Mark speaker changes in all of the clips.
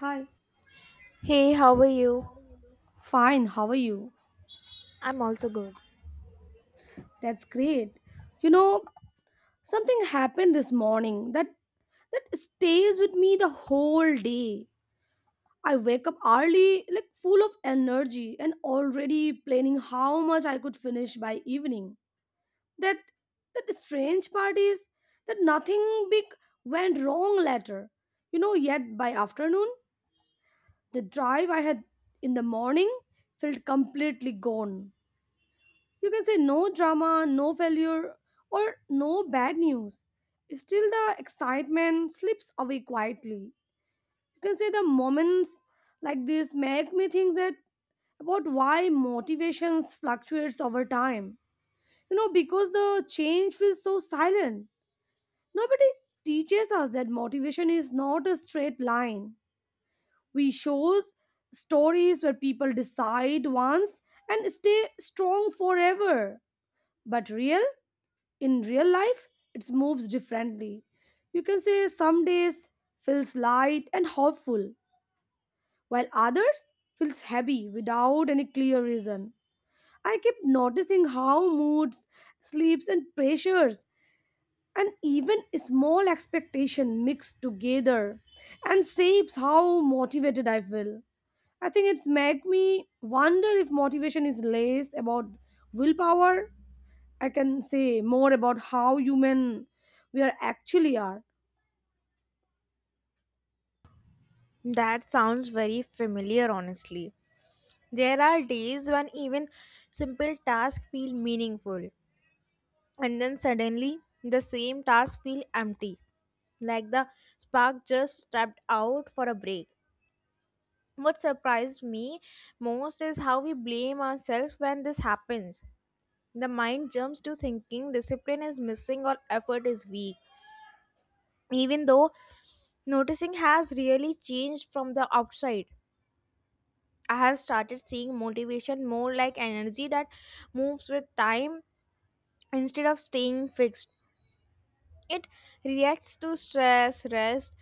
Speaker 1: Hi.
Speaker 2: Hey, how are you?
Speaker 1: Fine, how are you?
Speaker 2: I'm also good.
Speaker 1: That's great. You know, something happened this morning that stays with me the whole day. I wake up early, like full of energy and already planning how much I could finish by evening. That that strange part is that nothing big went wrong later. You know, yet by afternoon, the drive I had in the morning felt completely gone. You can say no drama, no failure, or no bad news. Still, the excitement slips away quietly. You can say the moments like this make me think that about why motivations fluctuates over time. You know, because the change feels so silent. Nobody teaches us that motivation is not a straight line. We shows stories where people decide once and stay strong forever. But real in real life it moves differently. You can say some days feels light and hopeful while others feels heavy without any clear reason. I keep noticing how moods, sleeps, and pressures, and even small expectation mix together and shapes how motivated I feel. I think it's made me wonder if motivation is less about willpower. I can say more about how human we are actually are.
Speaker 2: That sounds very familiar, honestly. There are days when even simple tasks feel meaningful, and then suddenly the same tasks feel empty, like the spark just stepped out for a break. What surprised me most is how we blame ourselves when this happens. The mind jumps to thinking discipline is missing or effort is weak, even though noticing has really changed from the outside. I have started seeing motivation more like energy that moves with time instead of staying fixed. It reacts to stress, rest,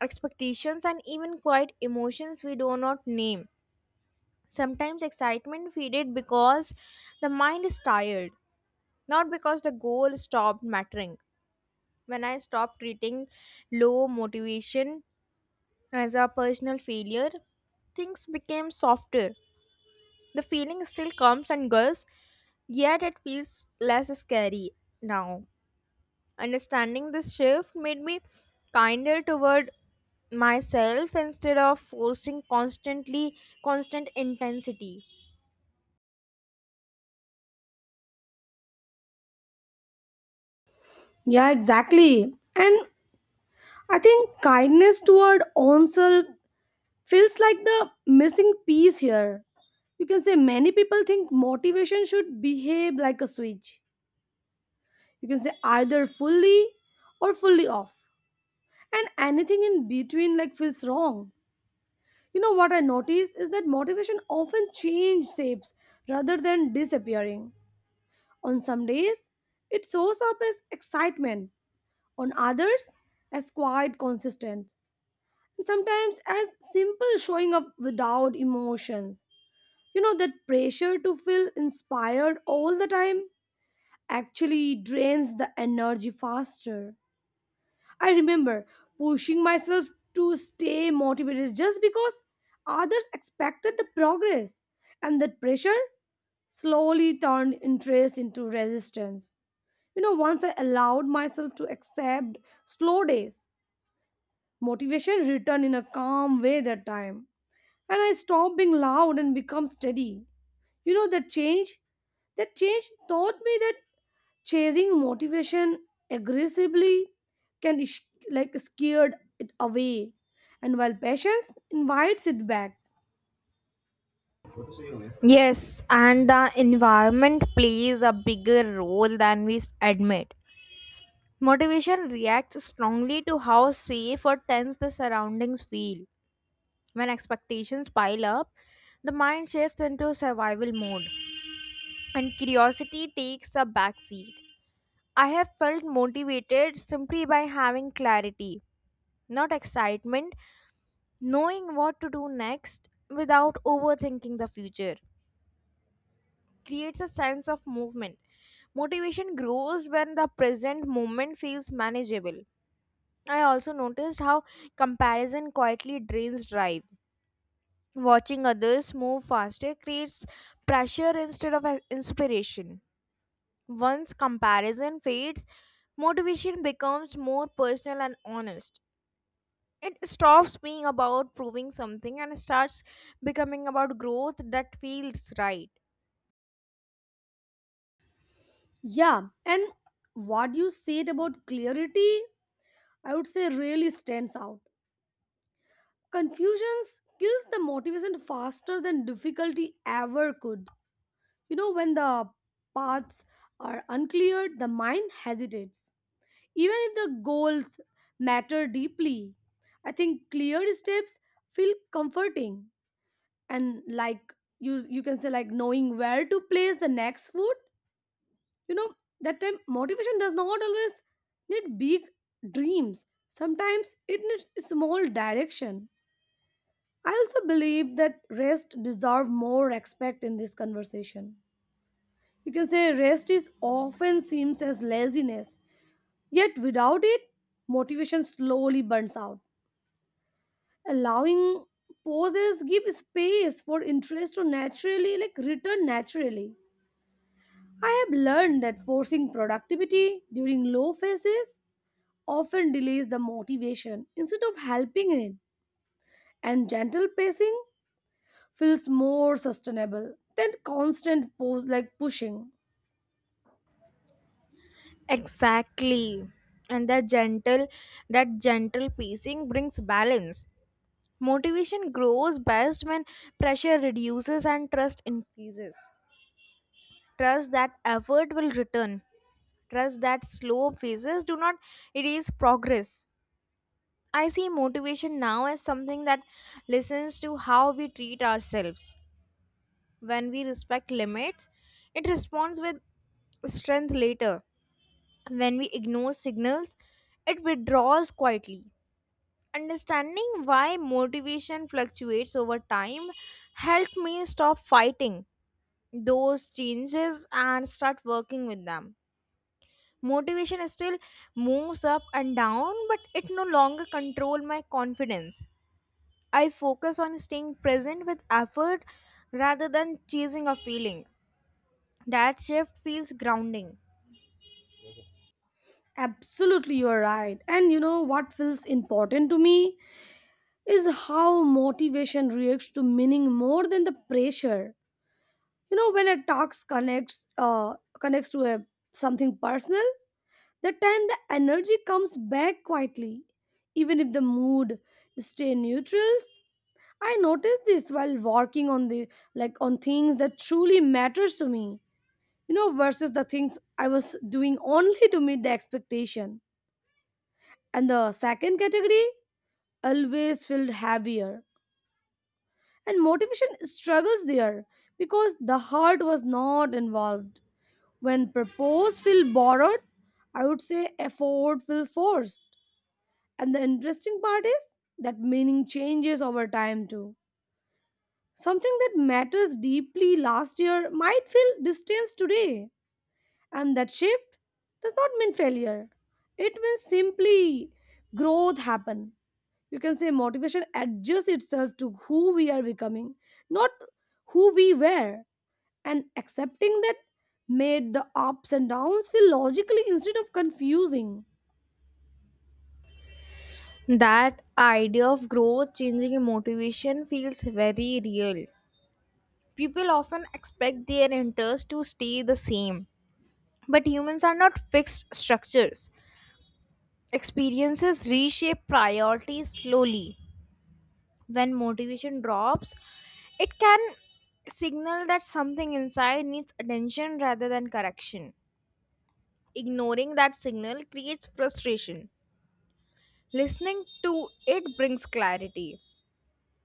Speaker 2: expectations, and even quiet emotions we do not name. Sometimes excitement faded because the mind is tired, not because the goal stopped mattering. When I stopped treating low motivation as a personal failure, things became softer. The feeling still comes and goes, yet it feels less scary now. Understanding this shift made me kinder toward myself instead of forcing constant intensity.
Speaker 1: Yeah, exactly. And I think kindness toward own self feels like the missing piece here. You can say many people think motivation should behave like a switch. You can say either fully or fully off. And anything in between like feels wrong. You know what I noticed is that motivation often change shapes rather than disappearing. On some days, it shows up as excitement, on others, as quiet consistence, and sometimes as simple showing up without emotions. You know, that pressure to feel inspired all the time actually drains the energy faster. I remember pushing myself to stay motivated just because others expected the progress, and that pressure slowly turned interest into resistance. You know, once I allowed myself to accept slow days, motivation returned in a calm way that time. And I stopped being loud and become steady. You know, that change taught me that chasing motivation aggressively can like scared it away. And while patience invites it back.
Speaker 2: Yes, and the environment plays a bigger role than we admit. Motivation reacts strongly to how safe or tense the surroundings feel. When expectations pile up, the mind shifts into survival mode and curiosity takes a backseat. I have felt motivated simply by having clarity, not excitement. Knowing what to do next without overthinking the future creates a sense of movement. Motivation grows when the present moment feels manageable. I also noticed how comparison quietly drains drive. Watching others move faster creates pressure instead of inspiration. Once comparison fades, motivation becomes more personal and honest. It stops being about proving something and starts becoming about growth that feels right.
Speaker 1: Yeah, and what you said about clarity, I would say really stands out. Confusions kills the motivation faster than difficulty ever could. You know, when the paths are unclear, the mind hesitates. Even if the goals matter deeply, I think clear steps feel comforting and like you can say like knowing where to place the next foot. You know, that time motivation does not always need big dreams. Sometimes it needs small direction. I also believe that rest deserve more respect in this conversation. You can say rest is often seems as laziness, yet without it, motivation slowly burns out. Allowing pauses give space for interest to naturally like return naturally. I have learned that forcing productivity during low phases often delays the motivation instead of helping it. And gentle pacing feels more sustainable than constant pose like pushing.
Speaker 2: Exactly, and that gentle pacing brings balance. Motivation grows best when pressure reduces and trust increases, trust that effort will return, trust that slow phases do not erase progress. I see motivation now as something that listens to how we treat ourselves. When we respect limits, it responds with strength later. When we ignore signals, it withdraws quietly. Understanding why motivation fluctuates over time helped me stop fighting those changes and start working with them. Motivation still moves up and down, but it no longer controls my confidence. I focus on staying present with effort rather than chasing a feeling. That shift feels grounding.
Speaker 1: Absolutely, you are right. And you know what feels important to me is how motivation reacts to meaning more than the pressure. You know, when a task connects connects to a something personal, that time the energy comes back quietly, even if the mood stay neutrals. I noticed this while working on the like on things that truly matters to me, you know, versus the things I was doing only to meet the expectation. And the second category always felt heavier. And motivation struggles there because the heart was not involved. When purpose feel borrowed, I would say effort feel forced. And the interesting part is that meaning changes over time too. Something that matters deeply last year might feel distant today. And that shift does not mean failure. It means simply growth happen. You can say motivation adjusts itself to who we are becoming, not who we were. And accepting that made the ups and downs feel logically instead of confusing.
Speaker 2: That idea of growth changing motivation feels very real. People often expect their interests to stay the same, but humans are not fixed structures. Experiences reshape priorities slowly. When motivation drops, it can signal that something inside needs attention rather than correction. Ignoring that signal creates frustration. Listening to it brings clarity.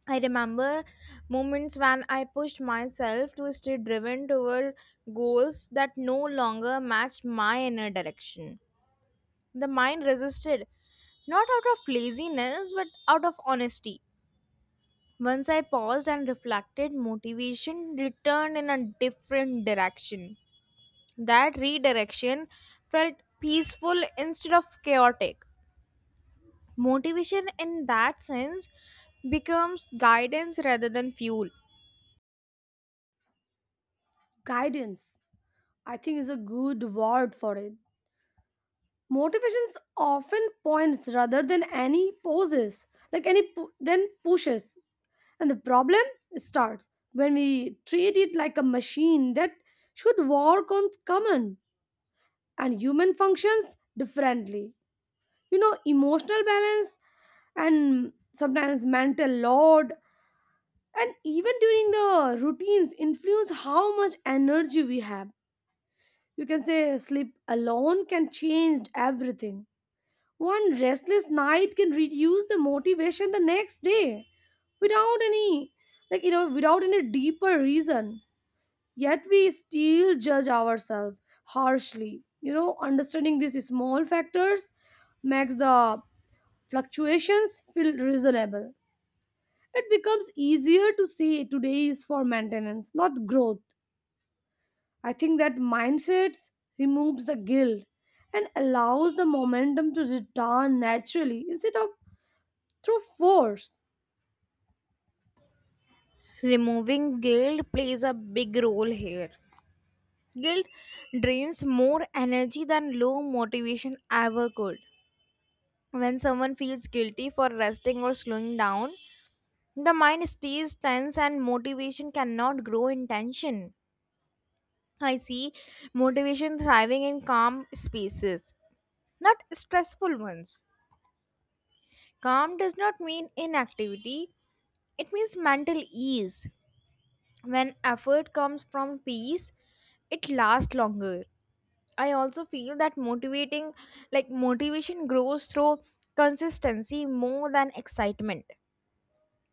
Speaker 2: I remember moments when I pushed myself to stay driven toward goals that no longer matched my inner direction. The mind resisted, not out of laziness, but out of honesty. Once I paused and reflected, motivation returned in a different direction. That redirection felt peaceful instead of chaotic. Motivation, in that sense, becomes guidance rather than fuel.
Speaker 1: Guidance, I think, is a good word for it. Motivations often points rather than any poses, then pushes. And the problem starts when we treat it like a machine that should work on common, and human functions differently. You know, emotional balance and sometimes mental load and even during the routines influence how much energy we have. You can say sleep alone can change everything. One restless night can reduce the motivation the next day without any without any deeper reason. Yet we still judge ourselves harshly. You know, understanding these small factors makes the fluctuations feel reasonable. It becomes easier to say today is for maintenance, not growth. I think that mindset removes the guilt and allows the momentum to return naturally instead of through force.
Speaker 2: Removing guilt plays a big role here. Guilt drains more energy than low motivation ever could. When someone feels guilty for resting or slowing down, the mind stays tense and motivation cannot grow in tension. I see motivation thriving in calm spaces, not stressful ones. Calm does not mean inactivity, it means mental ease. When effort comes from peace, it lasts longer. I also feel that motivating, like motivation grows through consistency more than excitement.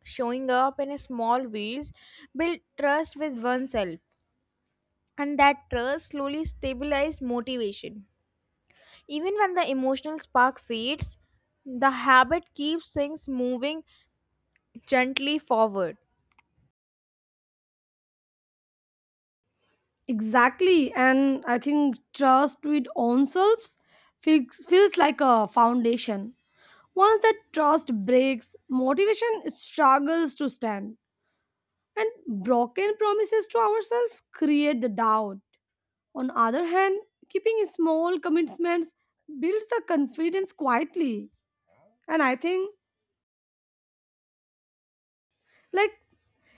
Speaker 2: Showing up in a small ways build trust with oneself, and that trust slowly stabilizes motivation. Even when the emotional spark fades, the habit keeps things moving gently forward.
Speaker 1: Exactly, and I think trust with own selves feels like a foundation. Once that trust breaks, motivation struggles to stand, and broken promises to ourselves create the doubt. On other hand, keeping small commitments builds the confidence quietly. And I think, like,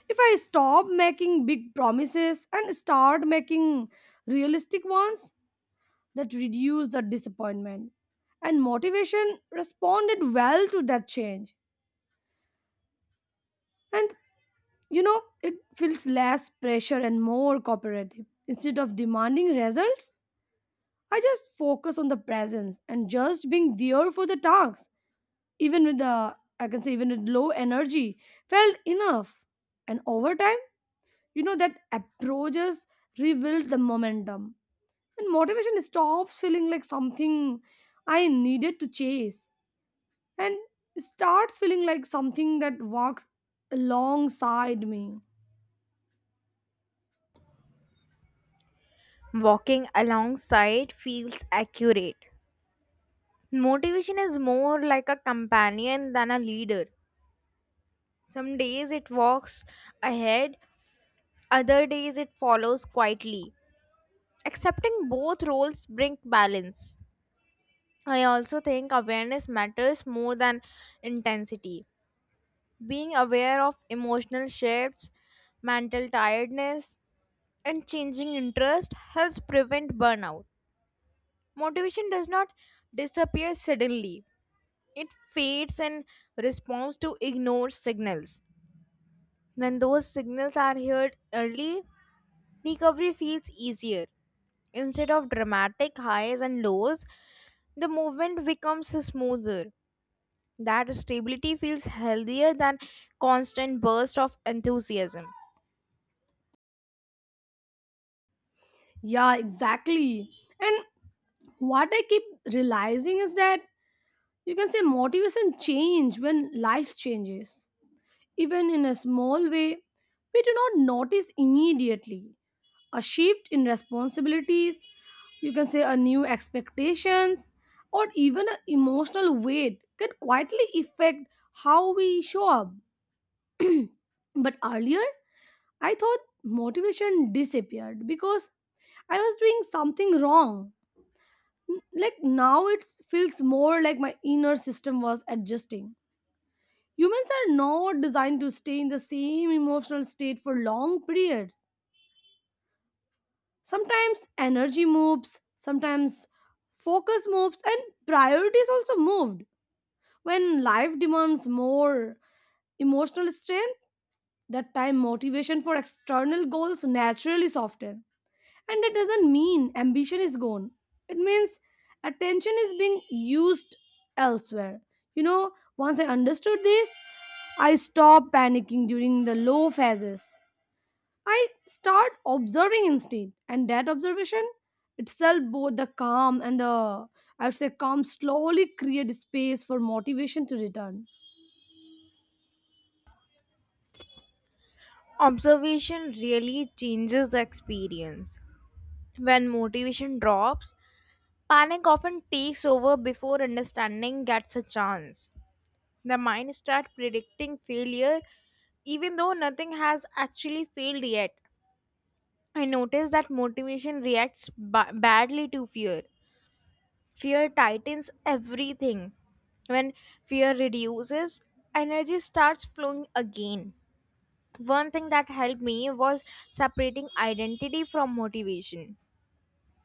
Speaker 1: if I stop making big promises and start making realistic ones, that reduce the disappointment. And motivation responded well to that change. And you know, it feels less pressure and more cooperative. Instead of demanding results, I just focus on the presence and just being there for the tasks. Even with the, I can say, even with low energy, felt enough. And over time, you know, that approaches rebuild the momentum. And motivation stops feeling like something I needed to chase and starts feeling like something that walks alongside me.
Speaker 2: Walking alongside feels accurate. Motivation is more like a companion than a leader. Some days it walks ahead, other days it follows quietly. Accepting both roles brings balance. I also think awareness matters more than intensity. Being aware of emotional shifts, mental tiredness, and changing interest helps prevent burnout. Motivation does not disappear suddenly. It fades in response to ignored signals. When those signals are heard early, recovery feels easier. Instead of dramatic highs and lows, the movement becomes smoother. That stability feels healthier than constant bursts of enthusiasm.
Speaker 1: Yeah, exactly. And what I keep realizing is that you can say motivation change when life changes. Even in a small way, we do not notice immediately. A shift in responsibilities, you can say a new expectations, or even an emotional weight can quietly affect how we show up. But earlier, I thought motivation disappeared because I was doing something wrong. Like now it feels more like my inner system was adjusting. Humans are not designed to stay in the same emotional state for long periods. Sometimes energy moves, sometimes focus moves, and priorities also moved. When life demands more emotional strength, that time motivation for external goals naturally soften. And that doesn't mean ambition is gone. It means attention is being used elsewhere. You know, once I understood this, I stopped panicking during the low phases. I start observing instead, and that observation itself, both the calm and the, I would say, calm, slowly create space for motivation to return.
Speaker 2: Observation really changes the experience. When motivation drops, panic often takes over before understanding gets a chance. The mind starts predicting failure even though nothing has actually failed yet. I noticed that motivation reacts badly to fear. Fear tightens everything. When fear reduces, energy starts flowing again. One thing that helped me was separating identity from motivation.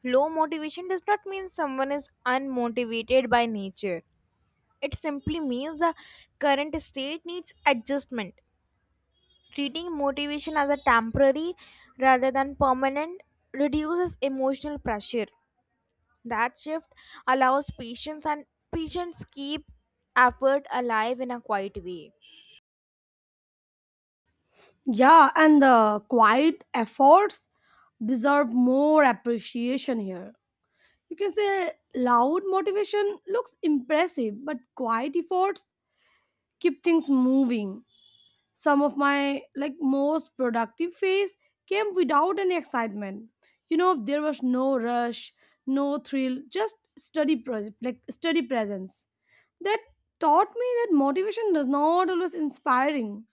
Speaker 2: Low motivation does not mean someone is unmotivated by nature, it simply means the current state needs adjustment. Treating motivation as a temporary rather than permanent reduces emotional pressure. That shift allows patients, and patients keep effort alive in a quiet way.
Speaker 1: Yeah, and the quiet efforts deserve more appreciation here. You can say loud motivation looks impressive, but quiet efforts keep things moving. Some of my most productive phase came without any excitement. You know, there was no rush, no thrill, just like study presence. That taught me that motivation does not always inspiring.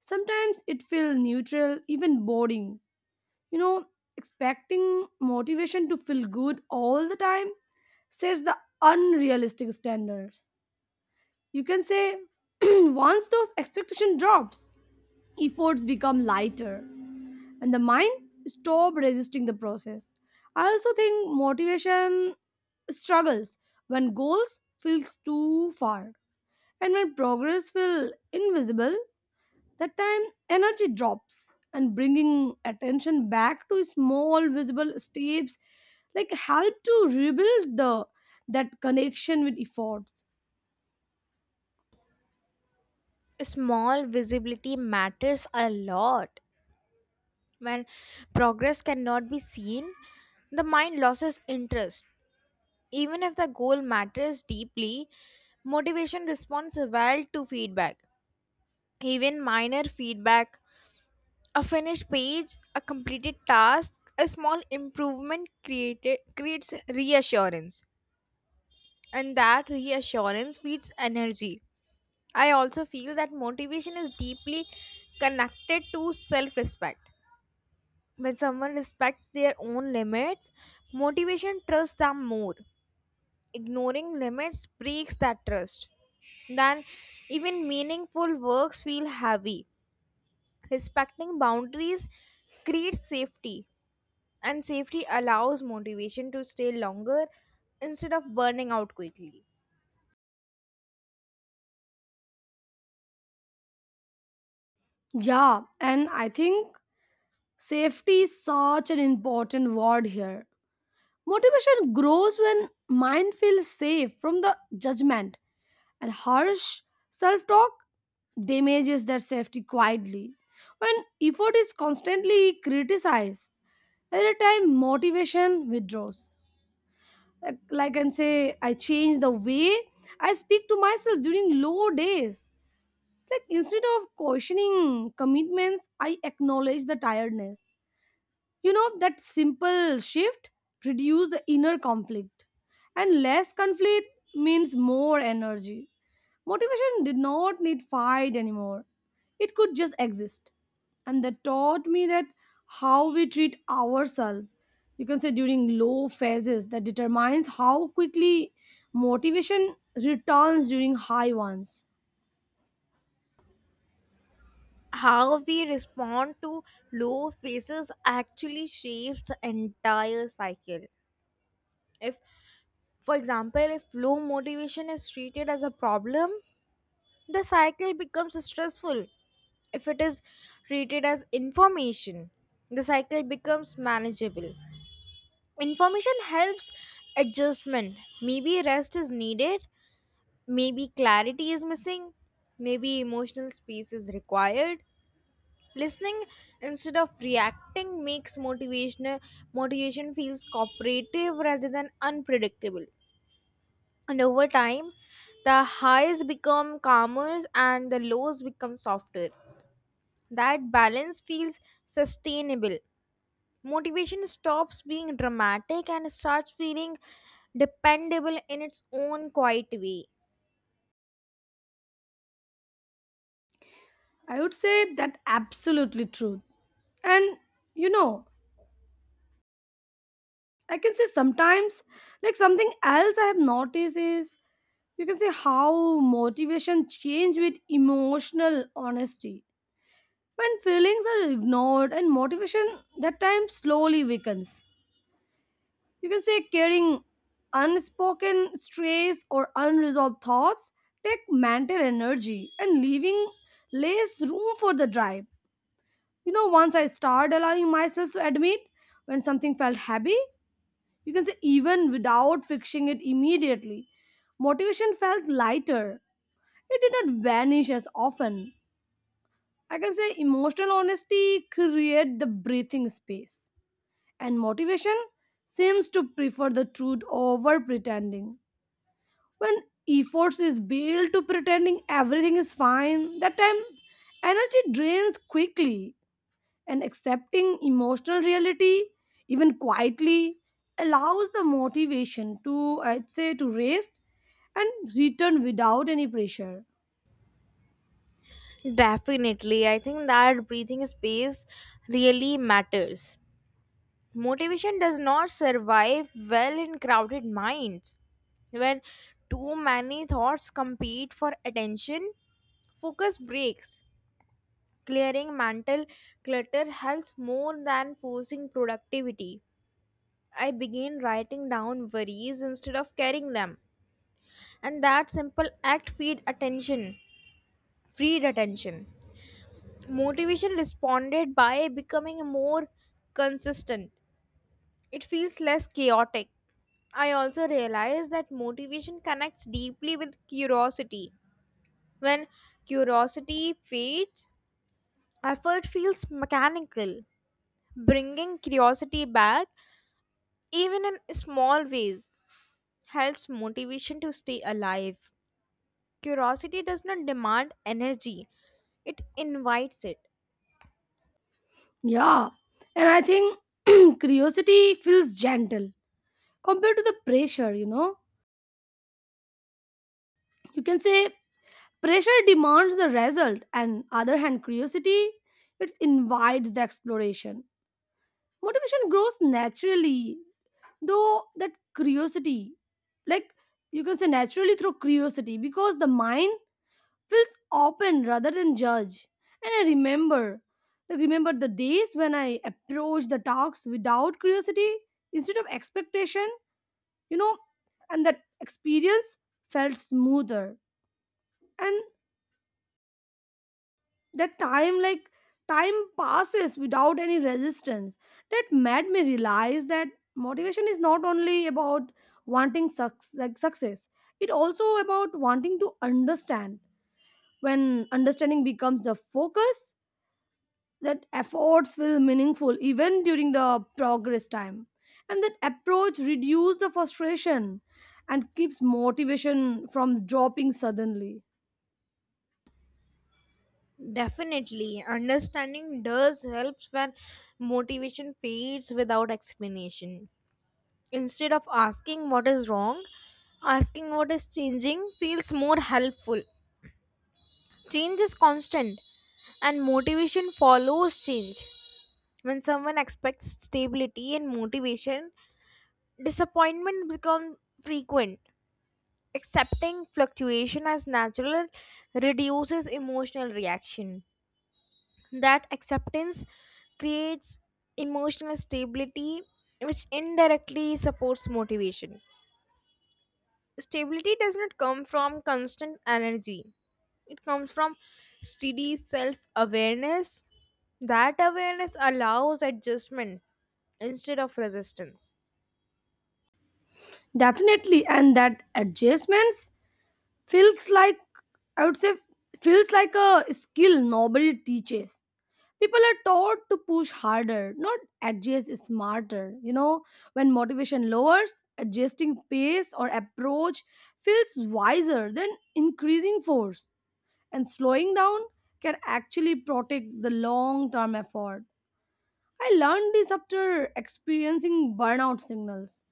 Speaker 1: Sometimes it feels neutral, even boring. You know, expecting motivation to feel good all the time sets the unrealistic standards. You can say once those expectation drops, efforts become lighter and the mind stop resisting the process. I also think motivation struggles when goals feels too far and when progress feels invisible. That time, energy drops, and bringing attention back to small visible steps like help to rebuild the that connection with efforts.
Speaker 2: Small visibility matters a lot. When progress cannot be seen, the mind loses interest. Even if the goal matters deeply, motivation responds well to feedback. Even minor feedback, a finished page, a completed task, a small improvement created creates reassurance, and that reassurance feeds energy. I also feel that motivation is deeply connected to self respect. When someone respects their own limits, motivation trusts them more. Ignoring limits breaks that trust. Then, even meaningful works feel heavy. Respecting boundaries creates safety, and safety allows motivation to stay longer instead of burning out quickly.
Speaker 1: Yeah, and I think safety is such an important word here. Motivation grows when mind feels safe from the judgment, and harsh self-talk damages their safety quietly. When effort is constantly criticized, at a time motivation withdraws. Like I can say I change the way I speak to myself during low days, like instead of questioning commitments I acknowledge the tiredness. You know, that simple shift reduces the inner conflict, and less conflict means more energy. Motivation did not need fight anymore, it could just exist. And that taught me that how we treat ourselves, you can say during low phases, that determines how quickly motivation returns during high ones.
Speaker 2: How we respond to low phases actually shapes the entire cycle. If, for example, if low motivation is treated as a problem, the cycle becomes stressful. If it is treated as information, the cycle becomes manageable. Information helps adjustment. Maybe rest is needed, maybe clarity is missing, maybe emotional space is required. Listening instead of reacting makes motivation feels cooperative rather than unpredictable. And over time, the highs become calmer and the lows become softer. That balance feels sustainable. Motivation stops being dramatic and starts feeling dependable in its own quiet way.
Speaker 1: I would say that absolutely true. And you know, I can say sometimes, like something else I have noticed is you can say how motivation change with emotional honesty. When feelings are ignored and motivation, that time slowly weakens. You can say carrying unspoken stress or unresolved thoughts take mental energy and leaving less room for the drive. You know, once I start allowing myself to admit when something felt heavy, you can say even without fixing it immediately, motivation felt lighter. It did not vanish as often. I can say emotional honesty create the breathing space, and motivation seems to prefer the truth over pretending. When efforts is built to pretending everything is fine, that time energy drains quickly, and accepting emotional reality, even quietly, allows the motivation to, I'd say, to rest and return without any pressure.
Speaker 2: Definitely, I think that breathing space really matters. Motivation does not survive well in crowded minds. When too many thoughts compete for attention, focus breaks. Clearing mental clutter helps more than forcing productivity. I began writing down worries instead of carrying them. And that simple freed attention. Motivation responded by becoming more consistent. It feels less chaotic. I also realize that motivation connects deeply with curiosity. When curiosity fades, effort feels mechanical. Bringing curiosity back, even in small ways, helps motivation to stay alive. Curiosity does not demand energy, it invites it.
Speaker 1: Yeah, and I think curiosity feels gentle compared to the pressure, you know. You can say pressure demands the result, and other hand, curiosity it invites the exploration. Motivation grows naturally, though that curiosity, like you can say naturally through curiosity, because the mind feels open rather than judge. And I remember, the days when I approached the talks without curiosity instead of expectation, you know, and that experience felt smoother. And that time time passes without any resistance. That made me realize that motivation is not only about wanting suc like success, it also about wanting to understand. When understanding becomes the focus, that efforts feel meaningful even during the progress time, and that approach reduce the frustration and keeps motivation from dropping suddenly.
Speaker 2: Definitely, understanding does help when motivation fades without explanation. Instead of asking what is wrong, asking what is changing feels more helpful. Change is constant and motivation follows change. When someone expects stability and motivation, disappointment becomes frequent. Accepting fluctuation as natural reduces emotional reaction. That acceptance creates emotional stability, which indirectly supports motivation. Stability does not come from constant energy, it comes from steady self awareness. That awareness allows adjustment instead of resistance.
Speaker 1: Definitely, and that adjustments feels like, I would say, feels like a skill nobody teaches. People are taught to push harder, not adjust smarter, you know. When motivation lowers, adjusting pace or approach feels wiser than increasing force, and slowing down can actually protect the long term effort. I learned this after experiencing burnout signals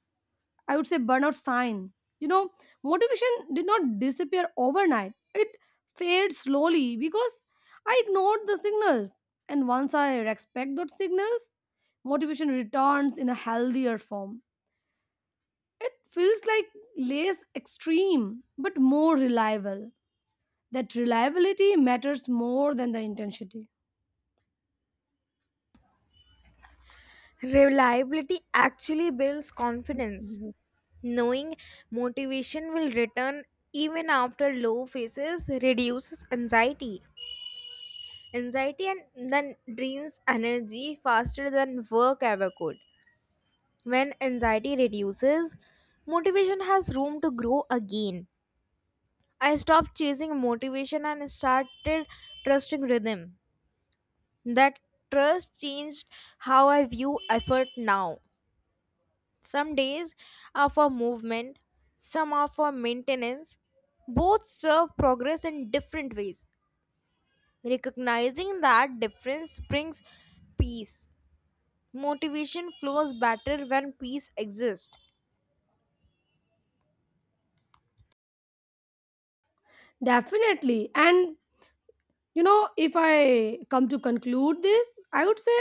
Speaker 1: I would say burnout sign. You know, motivation did not disappear overnight. It fades slowly because I ignored the signals. And once I respect those signals, motivation returns in a healthier form. It feels like less extreme, but more reliable. That reliability matters more than the intensity.
Speaker 2: Reliability actually builds confidence. Knowing motivation will return even after low phases reduces anxiety. Anxiety and then drains energy faster than work ever could. When anxiety reduces, motivation has room to grow again. I stopped chasing motivation and started trusting rhythm. That trust changed how I view effort now. Some days are for movement, some are for maintenance. Both serve progress in different ways. Recognizing that difference brings peace. Motivation flows better when peace exists.
Speaker 1: Definitely. And you know, if I come to conclude this, I would say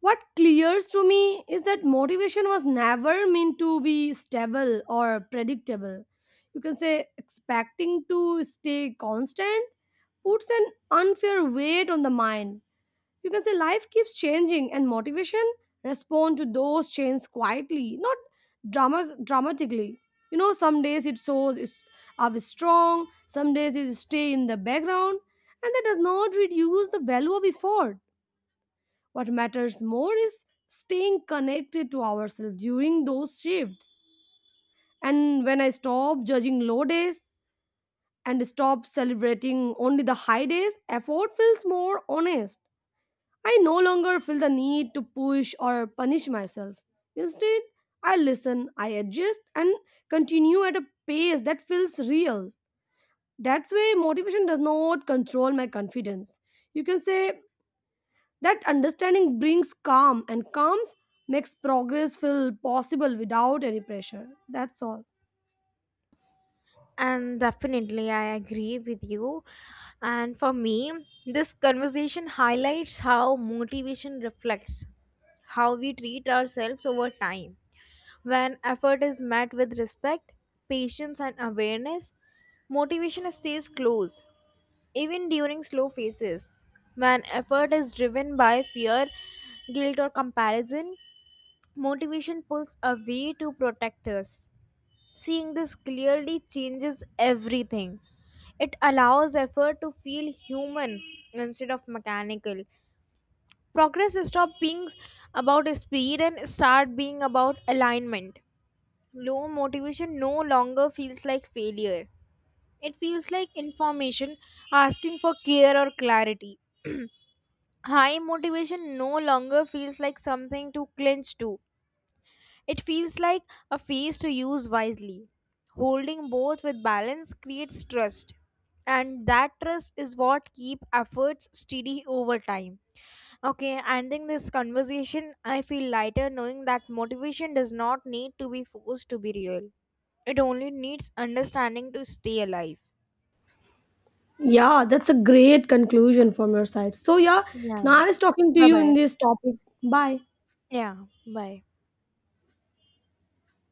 Speaker 1: what clears to me is that motivation was never meant to be stable or predictable. You can say expecting to stay constant puts an unfair weight on the mind. You can say life keeps changing and motivation respond to those changes quietly, not dramatically. You know, some days it shows is up strong, some days it stay in the background, and that does not reduce the value of effort. What matters more is staying connected to ourselves during those shifts. And when I stop judging low days and stop celebrating only the high days, effort feels more honest. I no longer feel the need to push or punish myself. Instead, I listen, I adjust, and continue at a pace that feels real. That's why motivation does not control my confidence. You can say that understanding brings calm, and calms makes progress feel possible without any pressure. That's all.
Speaker 2: And definitely, I agree with you. And for me, this conversation highlights how motivation reflects how we treat ourselves over time. When effort is met with respect, patience, and awareness, motivation stays close, even during slow phases. When effort is driven by fear, guilt, or comparison, motivation pulls away to protect us. Seeing this clearly changes everything. It allows effort to feel human instead of mechanical. Progress stops being about speed and start being about alignment. Low motivation no longer feels like failure. It feels like information asking for care or clarity. High motivation no longer feels like something to clinch to. It feels like a phase to use wisely. Holding both with balance creates trust, and that trust is what keep efforts steady over time. Okay, ending this conversation, I feel lighter knowing that motivation does not need to be forced to be real. It only needs understanding to stay alive.
Speaker 1: Yeah, that's a great conclusion from your side. So, yeah,
Speaker 2: Yeah.
Speaker 1: nice talking to
Speaker 2: Bye
Speaker 1: you in
Speaker 2: bye.
Speaker 1: this topic. Bye.
Speaker 2: Yeah, bye.